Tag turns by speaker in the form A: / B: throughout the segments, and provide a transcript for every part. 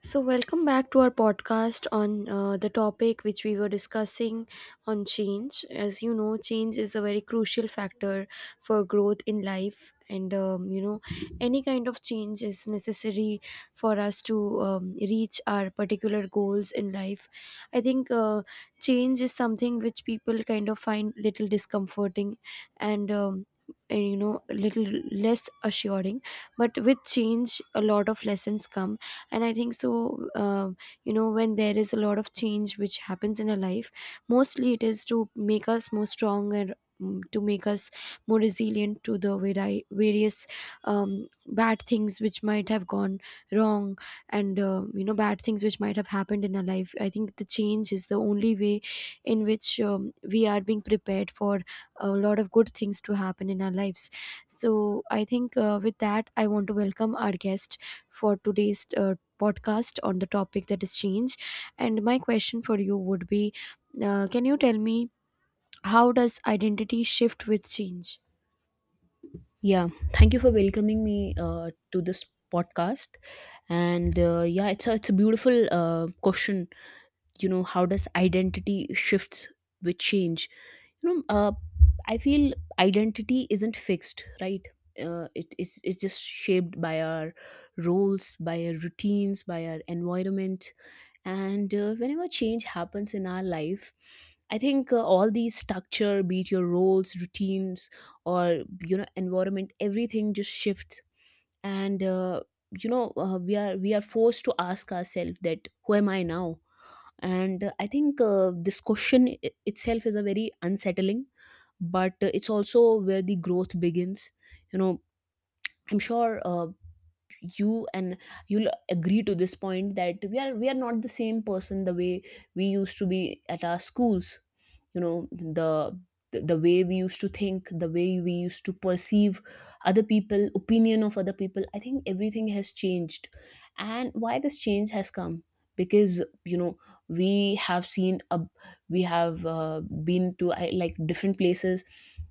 A: So, welcome back to our podcast on the topic which we were discussing on change. As you know, change is a very crucial factor for growth in life, and any kind of change is necessary for us to reach our particular goals in life. I think change is something which people kind of find little discomforting and um, and, you know, little less assuring, but with change, a lot of lessons come and I think so. Uh, you know, when there is a lot of change which happens in a life, mostly it is to make us more strong and, to make us more resilient to the various um, bad things which might have gone wrong, and you know, bad things which might have happened in our life. I think the change is the only way in which, we are being prepared for a lot of good things to happen in our lives. So I think, with that I want to welcome our guest for today's podcast on the topic that is change. And my question for you would be, can you tell me, how does identity shift with change?
B: Yeah, thank you for welcoming me to this podcast. And yeah, it's a beautiful question. How does identity shifts with change? You know, uh, I feel identity isn't fixed, right? It's just shaped by our roles, by our routines, by our environment, and whenever change happens in our life, I think all these structure, be it your roles, routines, or environment, everything just shifts. And we are forced to ask ourselves that who am I now. And I think this question itself is a very unsettling, but it's also where the growth begins. you know I'm sure you and you'll agree to this point that we are not the same person the way we used to be at our schools. You know the the the way we used to think, the way we used to perceive other people, opinion of other people, I think everything has changed. And why this change has come, because we have seen a we have been to like different places.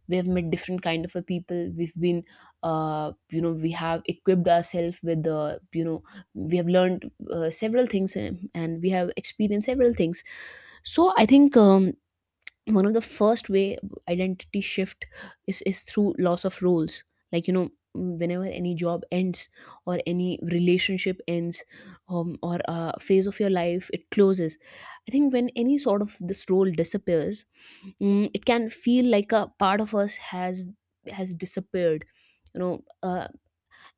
B: We have met different kind of a people. We've been you know we have equipped ourselves with the you know we have learned several things, and we have experienced several things. So I think one of the first way identity shift is through loss of roles. Like, whenever any job ends, or any relationship ends, or a phase of your life it closes. I think when any sort of this role disappears, it can feel like a part of us has disappeared. you know uh,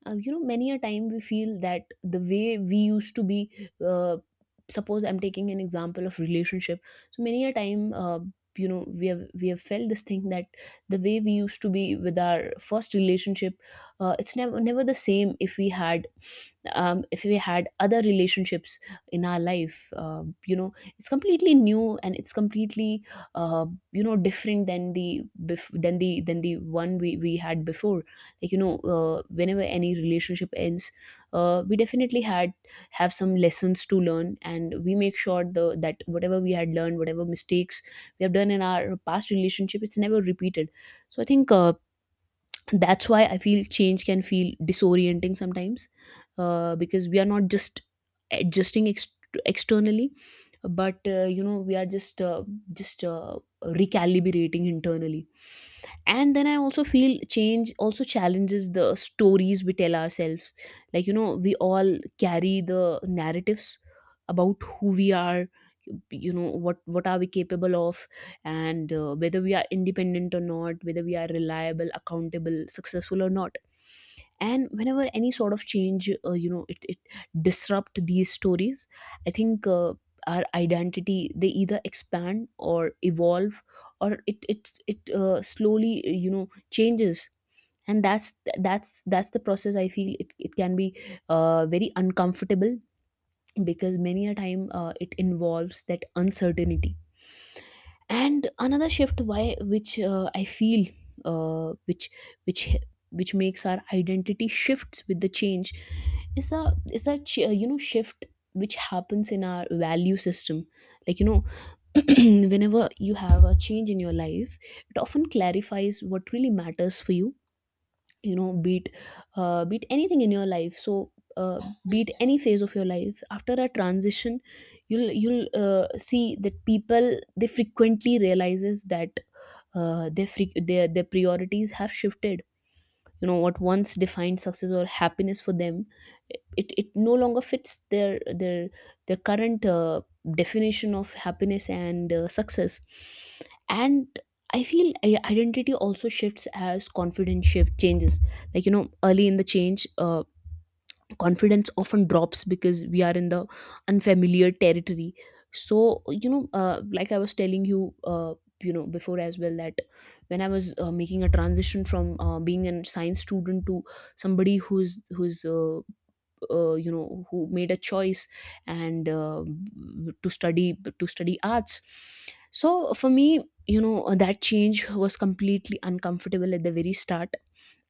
B: many a time we feel that the way we used to be, uh, suppose I'm taking an example of relationship. So many a time we have felt this thing that the way we used to be with our first relationship, it's never the same if we had other relationships in our life. It's completely new, and it's completely uh, different than the bef- than the one we had before. Like, whenever any relationship ends, we definitely had have some lessons to learn, and we make sure the that whatever we had learned, whatever mistakes we have done in our past relationship, it's never repeated. So I think that's why I feel change can feel disorienting sometimes, because we are not just adjusting externally, but we are just just uh, recalibrating internally. And then I also feel change also challenges the stories we tell ourselves. Like, we all carry the narratives about who we are, what are we capable of, and whether we are independent or not, whether we are reliable, accountable, successful or not. And whenever any sort of change, it disrupt these stories. I think our identity, they either expand or evolve, or it slowly changes. And that's the process, I feel it can be very uncomfortable, because many a time it involves that uncertainty. And another shift why which I feel uh, which which which makes our identity shifts with the change is that shift which happens in our value system. Like, whenever you have a change in your life, it often clarifies what really matters for you. You know beat beat anything in your life. So uh, beat any phase of your life after a transition, you'll see that people, they frequently realizes that their, fre- their priorities have shifted. What once defined success or happiness for them, it no longer fits their current definition of happiness and success. And I feel identity also shifts as confidence shift changes. Like, early in the change, confidence often drops because we are in the unfamiliar territory. So, like I was telling you you know before as well, that when I was making a transition from being a science student to somebody who's who's you know who made a choice, and to study to study arts. So for me, that change was completely uncomfortable at the very start.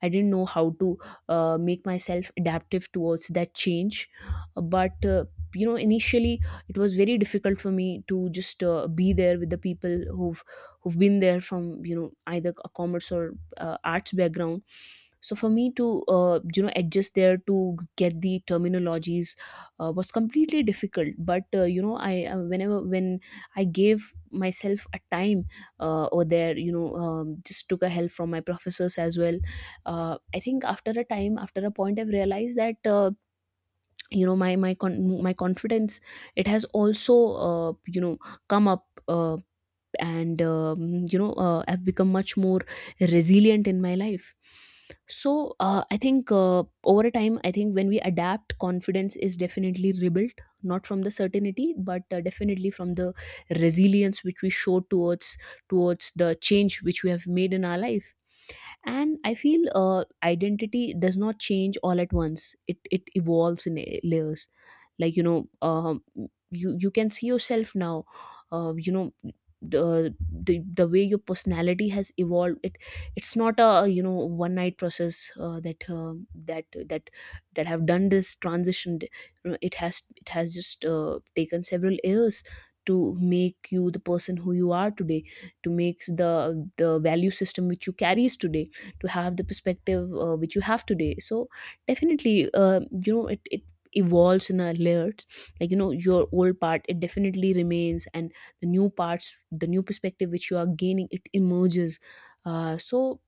B: I didn't know how to make myself adaptive towards that change. But, initially it was very difficult for me to just be there with the people who've been there from, either a commerce or arts background. So for me to, adjust there to get the terminologies was completely difficult. But, when I gave myself a time over there, just took a help from my professors as well. I think after a time, after a point, I've realized that my confidence, it has also uh, you know come up, and I've become much more resilient in my life. So I think over a time, I think when we adapt, confidence is definitely rebuilt, not from the certainty, but definitely from the resilience which we show towards the change which we have made in our life. And I feel identity does not change all at once, it evolves in layers. Like, you can see yourself now. Uh, you know the, the the way your personality has evolved, it's not a, one night process, that have done this transition. It has just taken several years to make you the person who you are today, to make the value system which you carries today, to have the perspective which you have today. So definitely, it evolves in our layers. Like, your old part, it definitely remains, and the new parts, the new perspective which you are gaining, it emerges. uh, so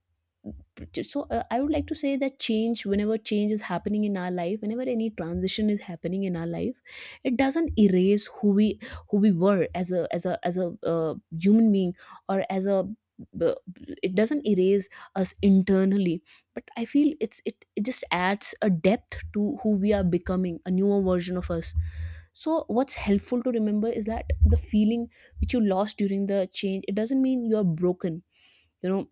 B: so uh, I would like to say that change, whenever change is happening in our life, whenever any transition is happening in our life, it doesn't erase who we were as a human being, or as a b- b- it doesn't erase us internally. But I feel it just adds a depth to who we are, becoming a newer version of us. So what's helpful to remember is that the feeling which you lost during the change, it doesn't mean you're broken. you know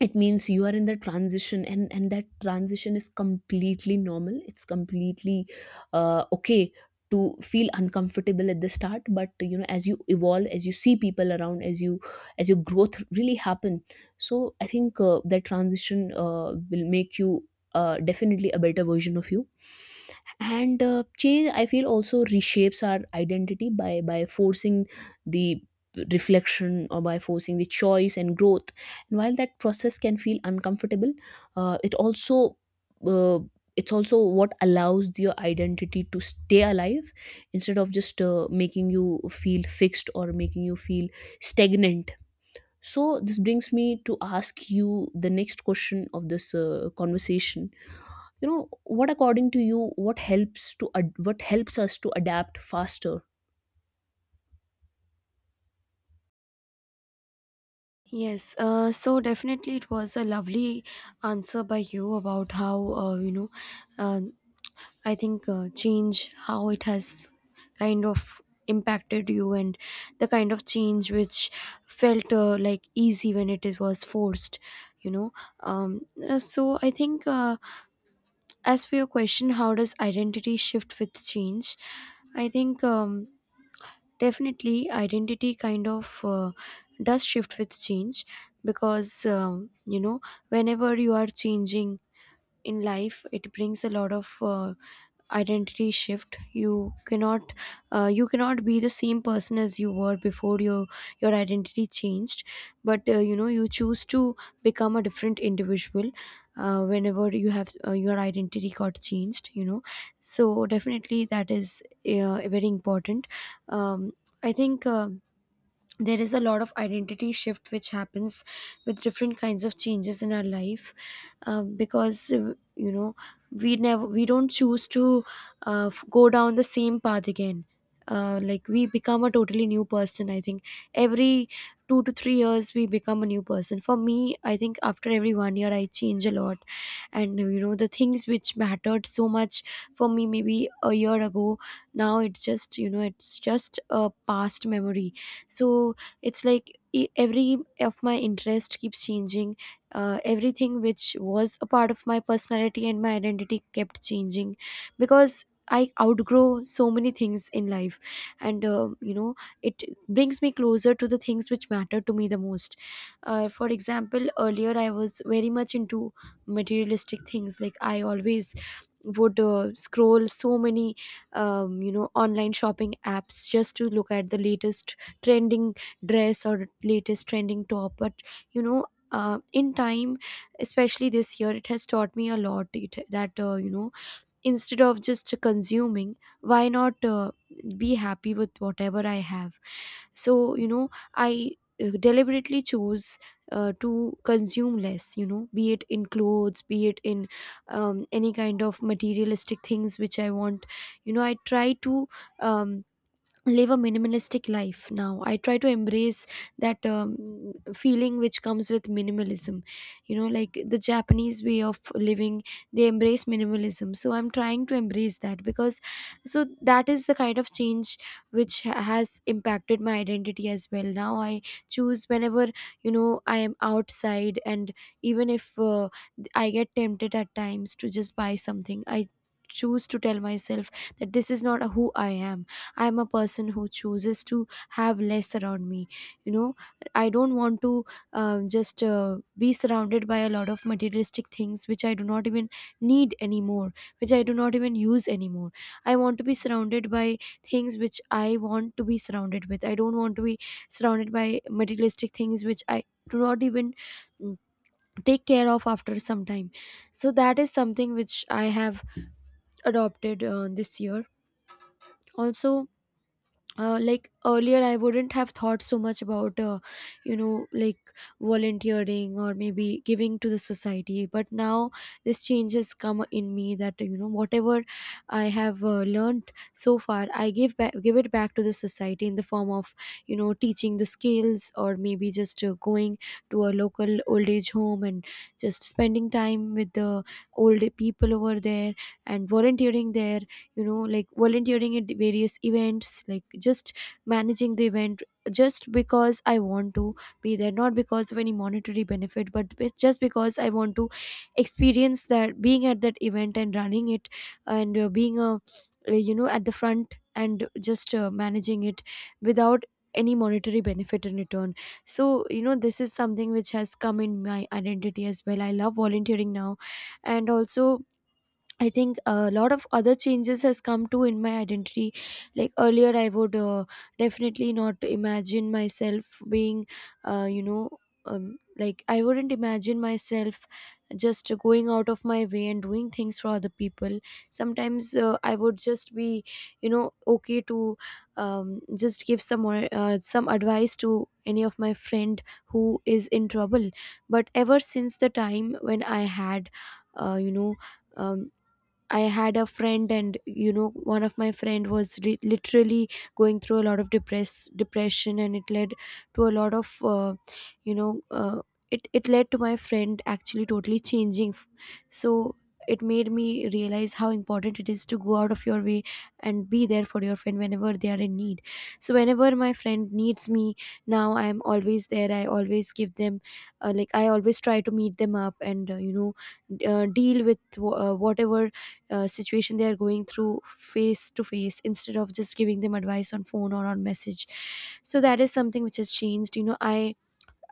B: it means you are in the transition, and that transition is completely normal, it's completely okay to feel uncomfortable at the start, but as you evolve, as you see people around, as you as your growth really happen, so I think that transition will make you definitely a better version of you. And change, I feel, also reshapes our identity by forcing the reflection, or by forcing the choice and growth. And while that process can feel uncomfortable, uh, it also uh, it's also what allows your identity to stay alive, instead of just making you feel fixed, or making you feel stagnant. So this brings me to ask you the next question of this conversation. you know what according to you, what helps us to adapt faster?
A: Yes, so definitely it was a lovely answer by you about how, uh, I think change, how it has kind of impacted you and the kind of change which felt like easy when it was forced, you know. So I think, as for your question, how does identity shift with change, I think, definitely identity kind of does shift with change, because, you know, whenever you are changing in life, it brings a lot of identity shift. You cannot, you cannot be the same person as you were before your identity changed. But you know, you choose to become a different individual whenever you have, your identity got changed, you know. So definitely that is very important. um, I think, there is a lot of identity shift which happens with different kinds of changes in our life, because, you know, we never, we don't choose to go down the same path again. Like we become a totally new person. I think every 2 to 3 years we become a new person. For me, I think after every 1 year I change a lot. And you know, the things which mattered so much for me maybe a year ago, now it's just, you know, it's just a past memory. So it's like, every of my interest keeps changing. Everything which was a part of my personality and my identity kept changing, because I outgrow so many things in life. And you know, it brings me closer to the things which matter to me the most. For example, earlier I was very much into materialistic things. Like I always would scroll so many you know, online shopping apps, just to look at the latest trending dress or latest trending top. But you know, in time, especially this year, it has taught me a lot. It, that you know, instead of just consuming, why not be happy with whatever I have. So you know, I deliberately chose to consume less. You know, be it in clothes, be it in any kind of materialistic things which I want. You know, I try to, um, live a minimalistic life now. I try to embrace that, feeling which comes with minimalism. You know, like the Japanese way of living, they embrace minimalism, so I'm trying to embrace that, because. So that is the kind of change which has impacted my identity as well. Now I choose, whenever, you know, I am outside and even if I get tempted at times to just buy something, I choose to tell myself that this is not who I am. I am a person who chooses to have less around me. You know, I don't want to just be surrounded by a lot of materialistic things which I do not even need anymore, which I do not even use anymore. I want to be surrounded by things which I want to be surrounded with. I don't want to be surrounded by materialistic things which I do not even, mm, take care of after some time. So that is something which I have adopted this year also. Like earlier, I wouldn't have thought so much about, you know, like volunteering or maybe giving to the society. But now this change has come in me, that you know, whatever I have learned so far, I give back, give it back to the society in the form of, you know, teaching the skills, or maybe just going to a local old age home and just spending time with the old people over there and volunteering there. You know, like volunteering at various events, like just managing the event, just because I want to be there, not because of any monetary benefit, but just because I want to experience that, being at that event and running it and being a, you know, at the front and just managing it, without any monetary benefit in return. So you know, this is something which has come in my identity as well. I love volunteering now. And also, I think a lot of other changes has come to in my identity. Like earlier, I would, definitely not imagine myself being, uh, you know, like I wouldn't imagine myself just going out of my way and doing things for other people. Sometimes I would just be, you know, okay to, just give some more, some advice to any of my friend who is in trouble. But ever since the time when I had, uh, you know. Um, I had a friend, and you know, one of my friend was literally going through a lot of depression, and it led to a lot of, you know, uh, it led to my friend actually totally changing. So it made me realize how important it is to go out of your way and be there for your friend whenever they are in need. So whenever my friend needs me, now I am always there. I always give them, like I always try to meet them up, and you know, deal with whatever situation they are going through face to face, instead of just giving them advice on phone or on message. So that is something which has changed. You know, i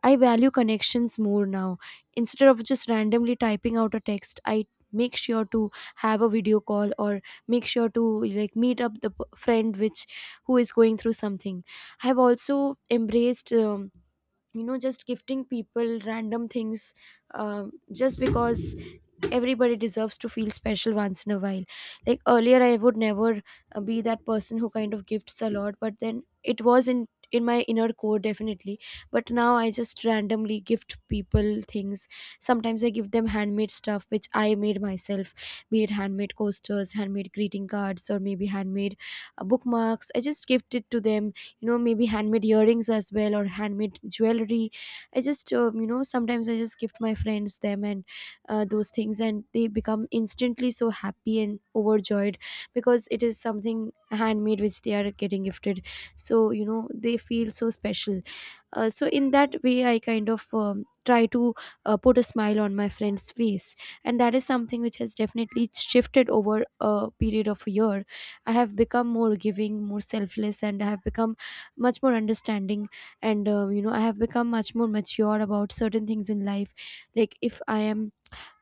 A: i value connections more now. Instead of just randomly typing out a text, I make sure to have a video call, or make sure to like meet up the friend which, who is going through something. I have also embraced, you know, just gifting people random things, um, just because everybody deserves to feel special once in a while. Like earlier, I would never, be that person who kind of gifts a lot, but then it was in, my inner core definitely. But now I just randomly gift people things. Sometimes I give them handmade stuff which I made myself. Be it handmade coasters, handmade greeting cards, or maybe handmade, bookmarks, I just gift it to them. You know, maybe handmade earrings as well, or handmade jewelry, I just, you know, sometimes I just gift my friends them, and those things, and they become instantly so happy and overjoyed, because it is something handmade which they are getting gifted. So you know, they feel so special. So in that way, I kind of, try to put a smile on my friend's face. And that is something which has definitely shifted over a period of a year. I have become more giving, more selfless, and I have become much more understanding. And you know, I have become much more mature about certain things in life. Like if I am,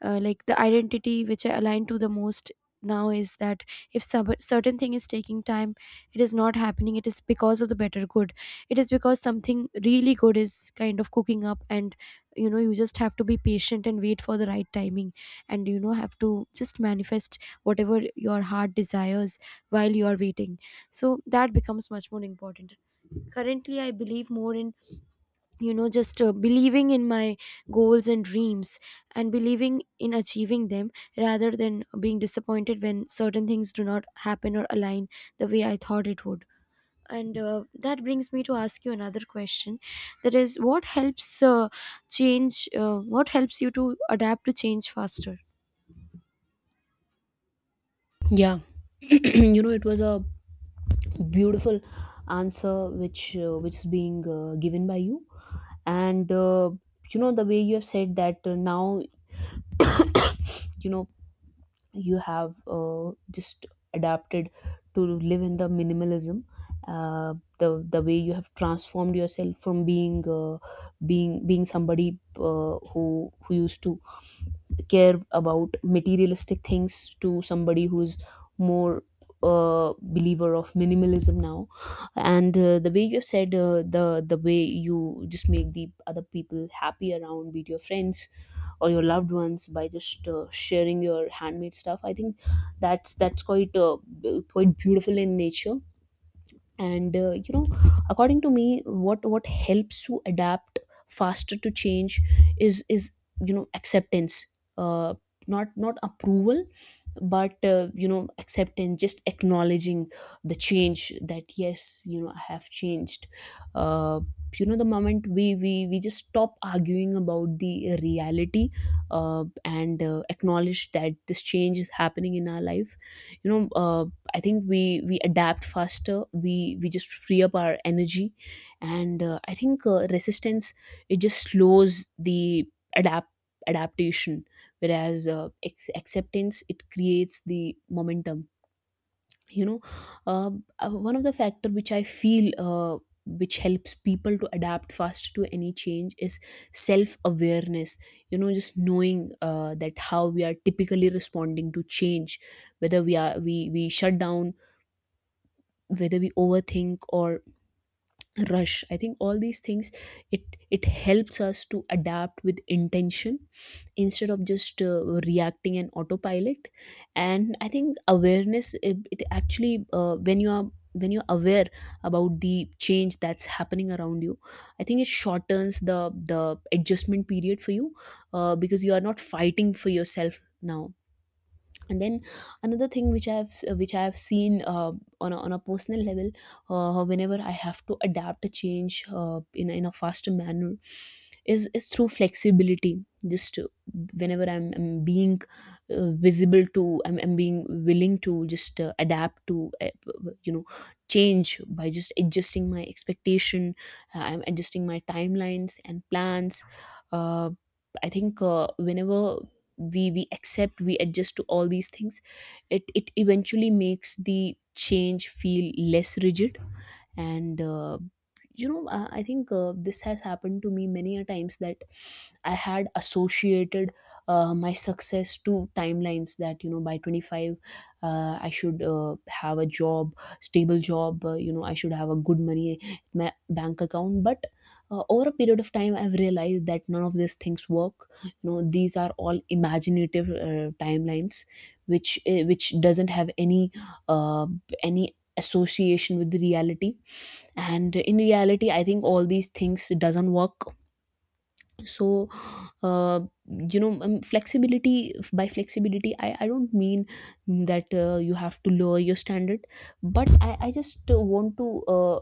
A: like the identity which I align to the most now is that, if certain thing is taking time, it is not happening, it is because of the better good. It is because something really good is kind of cooking up, and you know, you just have to be patient and wait for the right timing. And you know, have to just manifest whatever your heart desires while you are waiting. So that becomes much more important. Currently I believe more in, you know, just believing in my goals and dreams, and believing in achieving them, rather than being disappointed when certain things do not happen or align the way I thought it would. And that brings me to ask you another question. That is, what helps change, what helps you to adapt to change faster?
B: Yeah. It was a beautiful answer, which is being given by you. And the way you have said that now, you know you have just adapted to live in the minimalism, uh, the way you have transformed yourself from being somebody who used to care about materialistic things, to somebody who's more believer of minimalism now. And the way you said the way you just make the other people happy around, be it your friends or your loved ones, by just sharing your handmade stuff, I think that's quite quite beautiful in nature. And according to me, what helps to adapt faster to change is acceptance. Uh, not not approval, but acceptance, just acknowledging the change that yes, I have changed. uh, the moment we just stop arguing about the reality, and acknowledge that this change is happening in our life. you know uh, I think we adapt faster, we just free up our energy. And I think, resistance, it just slows the adapt adaptation. Whereas, acceptance, it creates the momentum. you know uh, One of the factor, which I feel which helps people to adapt fast to any change, is self awareness. You know, just knowing, that how we are typically responding to change, whether we shut down, whether we overthink or rush. I think all these things, it it helps us to adapt with intention, instead of just reacting in autopilot. And I think awareness, it actually, when you're aware about the change that's happening around you, I think it shortens the adjustment period for you, because you are not fighting for yourself now. And then another thing which I've seen, on a personal level, whenever I have to adapt a change, in a faster manner, is through flexibility. Just, whenever I'm being, visible to I'm being willing to just adapt to, you know change, by just adjusting my expectation, I'm adjusting my timelines and plans. uh, I think, whenever we accept, we adjust to all these things, it eventually makes the change feel less rigid. And I think, this has happened to me many a times, that I had associated, my success to timelines, that, you know, by 25, I should, have a job, stable job, you know, I should have a good money in my bank account. But over a period of time, I've realized that none of these things work. You know, these are all imaginative, timelines, which doesn't have any, uh, any association with reality. And in reality I think all these things doesn't work. So, uh, you know, flexibility, by flexibility I don't mean that, you have to lower your standard. But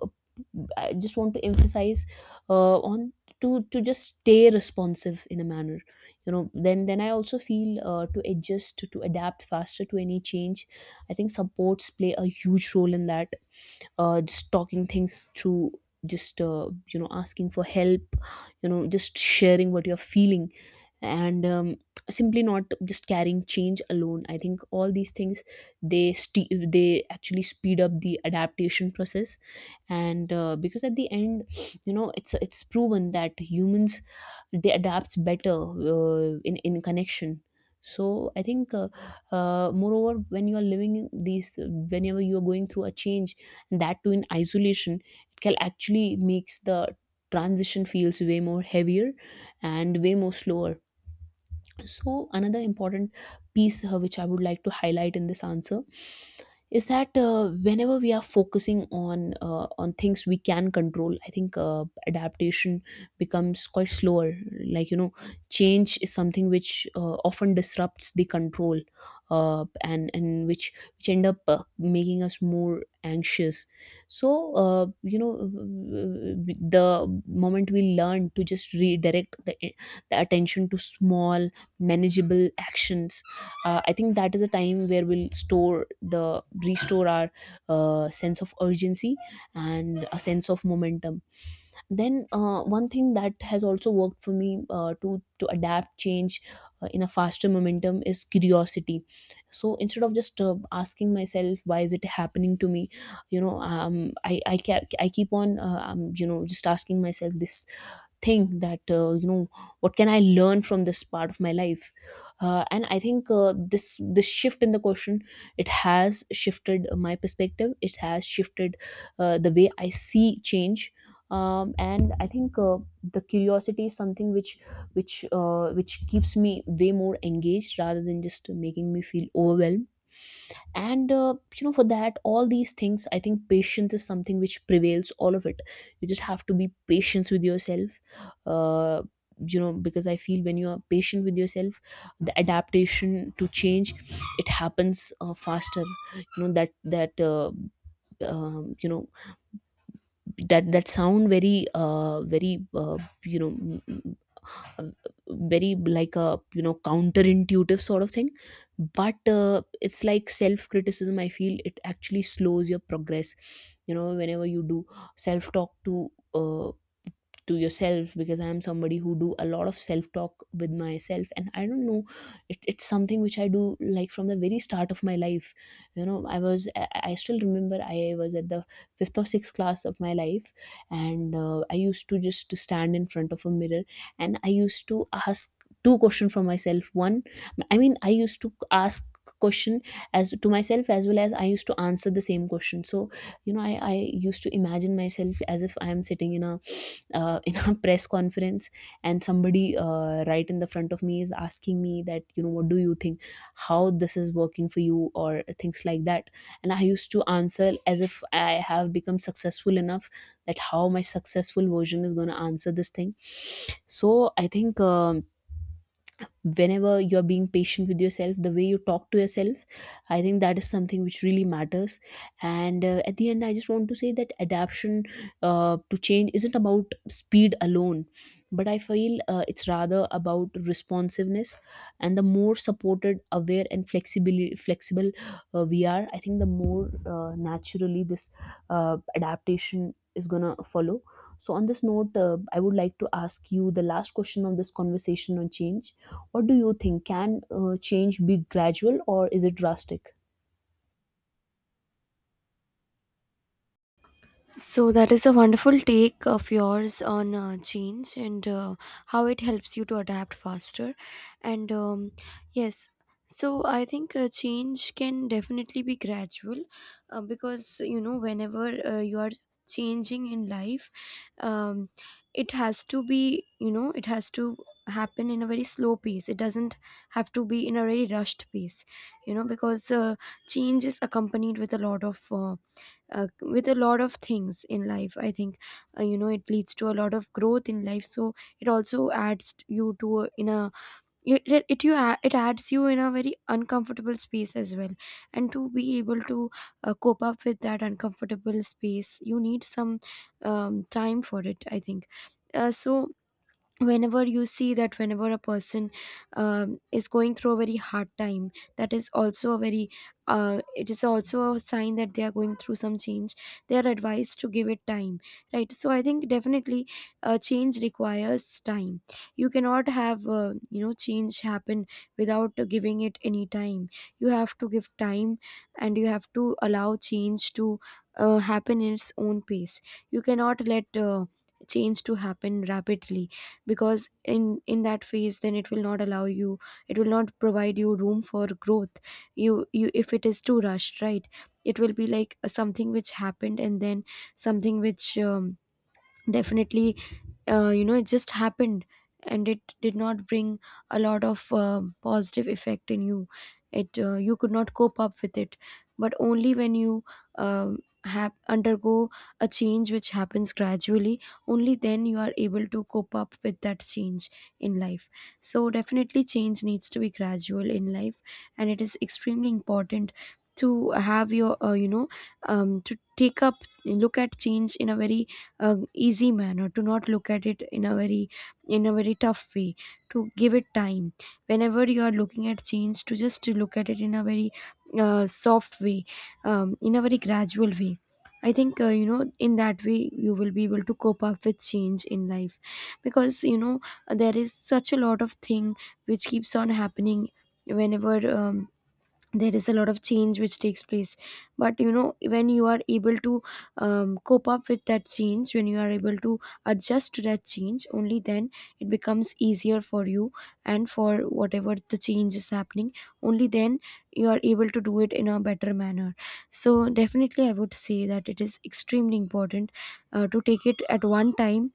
B: I just want to emphasize, on, to just stay responsive in a manner. You know, then I also feel, to adapt faster to any change, I think supports play a huge role in that. Just talking things through, just, you know, asking for help, you know, just sharing what you're feeling, and simply not just carrying change alone. I think all these things, they actually speed up the adaptation process. And because at the end, you know, it's proven that humans, they adapts better, in connection. So I think, moreover, whenever you are going through a change, and that too in isolation, it can actually makes the transition feels way more heavier and way more slower. So, another important piece, which I would like to highlight in this answer, is that, whenever we are focusing on, on things we can control, I think, adaptation becomes quite slower. Like, you know, change is something which often disrupts the control, and which end up, making us more anxious. So, you know, the moment we learn to just redirect the attention to small manageable actions, I think that is a time where we'll store the restore our, sense of urgency and a sense of momentum. Then, one thing that has also worked for me, to adapt change, in a faster momentum, is curiosity. So instead of just asking myself why is it happening to me, you know, I keep on, you know, just asking myself this, think that, you know, what can I learn from this part of my life. And I think, this shift in the question, it has shifted my perspective, it has shifted, the way I see change. And I think, the curiosity is something which keeps me way more engaged, rather than just making me feel overwhelmed. And you know, for that, all these things, I think patience is something which prevails all of it. You just have to be patient with yourself. uh, you know, because I feel, when you are patient with yourself, the adaptation to change, it happens, faster. You know, that you know, that sound very, you know, very, like a, you know, counterintuitive sort of thing. But it's like self criticism, I feel, it actually slows your progress. You know, whenever you do self talk to yourself, because I am somebody who do a lot of self talk with myself, and I don't know, it's something which I do, like from the very start of my life. You know, I still remember, I was at the fifth or sixth class of my life, and I used to just stand in front of a mirror, and I used to ask two questions for myself. One, I mean, I used to ask question as to myself, as well as I used to answer the same question. So you know, I used to imagine myself as if I am sitting in a, in a press conference, and somebody, right in the front of me, is asking me that, you know, what do you think, how this is working for you, or things like that. And I used to answer as if I have become successful enough, that how my successful version is going to answer this thing. So I think, whenever you're being patient with yourself, the way you talk to yourself, I think that is something which really matters. And, at the end, I just want to say that adaptation, to change isn't about speed alone, but I feel, it's rather about responsiveness. And the more supported, aware and flexible, we are, I think, the more, naturally this, adaptation is gonna follow. So on this note, I would like to ask you the last question of this conversation on change. What do you think? Can, change be gradual or is it drastic?
A: So that is a wonderful take of yours on change and how it helps you to adapt faster. And yes, so I think change can definitely be gradual because, you know, whenever you are changing in life, um, it has to be, you know, it has to happen in a very slow pace. It doesn't have to be in a very rushed pace, you know, because change is accompanied with a lot of with a lot of things in life. I think you know, it leads to a lot of growth in life, so it also adds t- you to a- in a it adds you in a very uncomfortable space as well, and to be able to cope up with that uncomfortable space, you need some time for it, I think. So whenever you see that, whenever a person is going through a very hard time, that is also a very it is also a sign that they are going through some change, they are advised to give it time, right? So I think, definitely, change requires time. You cannot have, you know, change happen without giving it any time. You have to give time, and you have to allow change to happen in its own pace. You cannot let change to happen rapidly, because in that phase then it will not allow you, it will not provide you room for growth. You if it is too rushed, right, it will be like something which happened, and then something which definitely you know, it just happened and it did not bring a lot of positive effect in you. It you could not cope up with it. But only when you um, have undergo a change which happens gradually, only then you are able to cope up with that change in life. So definitely change needs to be gradual in life, and it is extremely important to have your you know, to take up, look at change in a very easy manner, to not look at it in a very tough way, to give it time. Whenever you are looking at change, to just to look at it in a very soft way, in a very gradual way, I think, you know, in that way you will be able to cope up with change in life. Because, you know, there is such a lot of thing which keeps on happening whenever there is a lot of change which takes place. But you know, when you are able to cope up with that change, when you are able to adjust to that change, only then it becomes easier for you, and for whatever the change is happening, only then you are able to do it in a better manner. So definitely I would say that it is extremely important to take it at one time,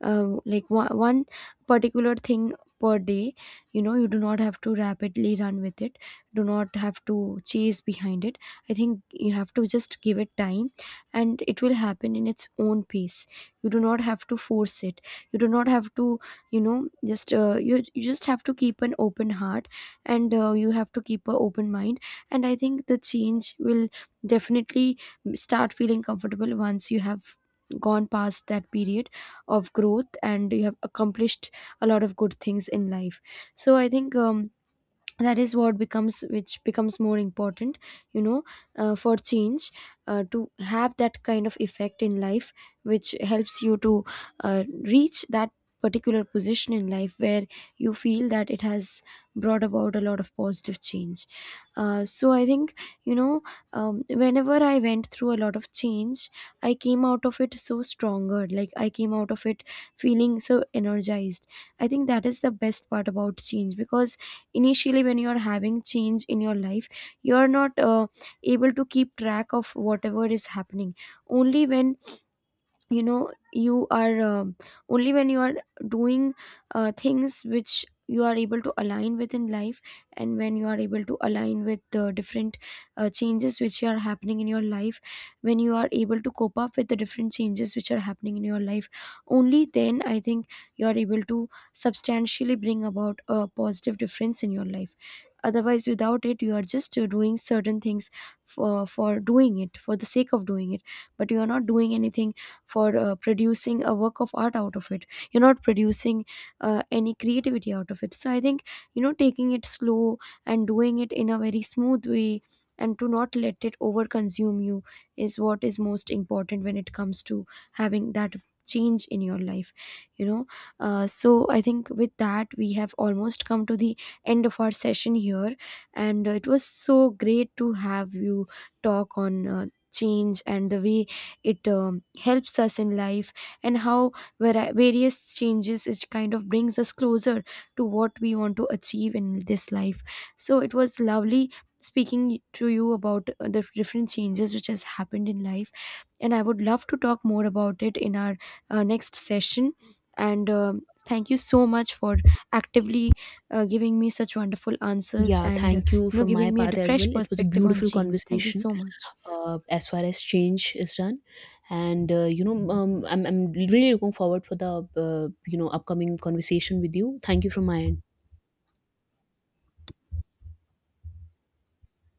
A: like one particular thing per day. You know, you do not have to rapidly run with it, do not have to chase behind it. I think you have to just give it time and it will happen in its own pace. You do not have to force it, you do not have to, you know, just you just have to keep an open heart, and you have to keep an open mind, and I think the change will definitely start feeling comfortable once you have gone past that period of growth and you have accomplished a lot of good things in life. So I think that is what becomes, which becomes more important, you know, for change to have that kind of effect in life which helps you to reach that particular position in life where you feel that it has brought about a lot of positive change. So I think, you know, whenever I went through a lot of change, I came out of it so stronger, like I came out of it feeling so energized. I think that is the best part about change, because initially when you're having change in your life, you're not able to keep track of whatever is happening. Only when, you know, you are only when you are doing things which you are able to align with in life, and when you are able to align with the different changes which are happening in your life, when you are able to cope up with the different changes which are happening in your life, only then I think you are able to substantially bring about a positive difference in your life. Otherwise, without it, you are just doing certain things for doing it for the sake of doing it, but you are not doing anything for producing a work of art out of it, you're not producing any creativity out of it. So I think, you know, taking it slow and doing it in a very smooth way and to not let it over consume you is what is most important when it comes to having that change in your life, you know. So I think with that, we have almost come to the end of our session here, and it was so great to have you talk on change and the way it helps us in life, and how various changes, it kind of brings us closer to what we want to achieve in this life. So it was lovely speaking to you about the different changes which has happened in life, and I would love to talk more about it in our next session. And um, thank you so much for actively giving me such wonderful answers,
B: Yeah,
A: and
B: thank you
A: you know,
B: from my
A: giving me a
B: part as well.
A: fresh
B: It was a
A: perspective on
B: beautiful
A: change. Thank you
B: conversation,
A: so much.
B: as far as change is done, and you know, I'm really looking forward for the, you know, upcoming conversation with you. Thank you from my end.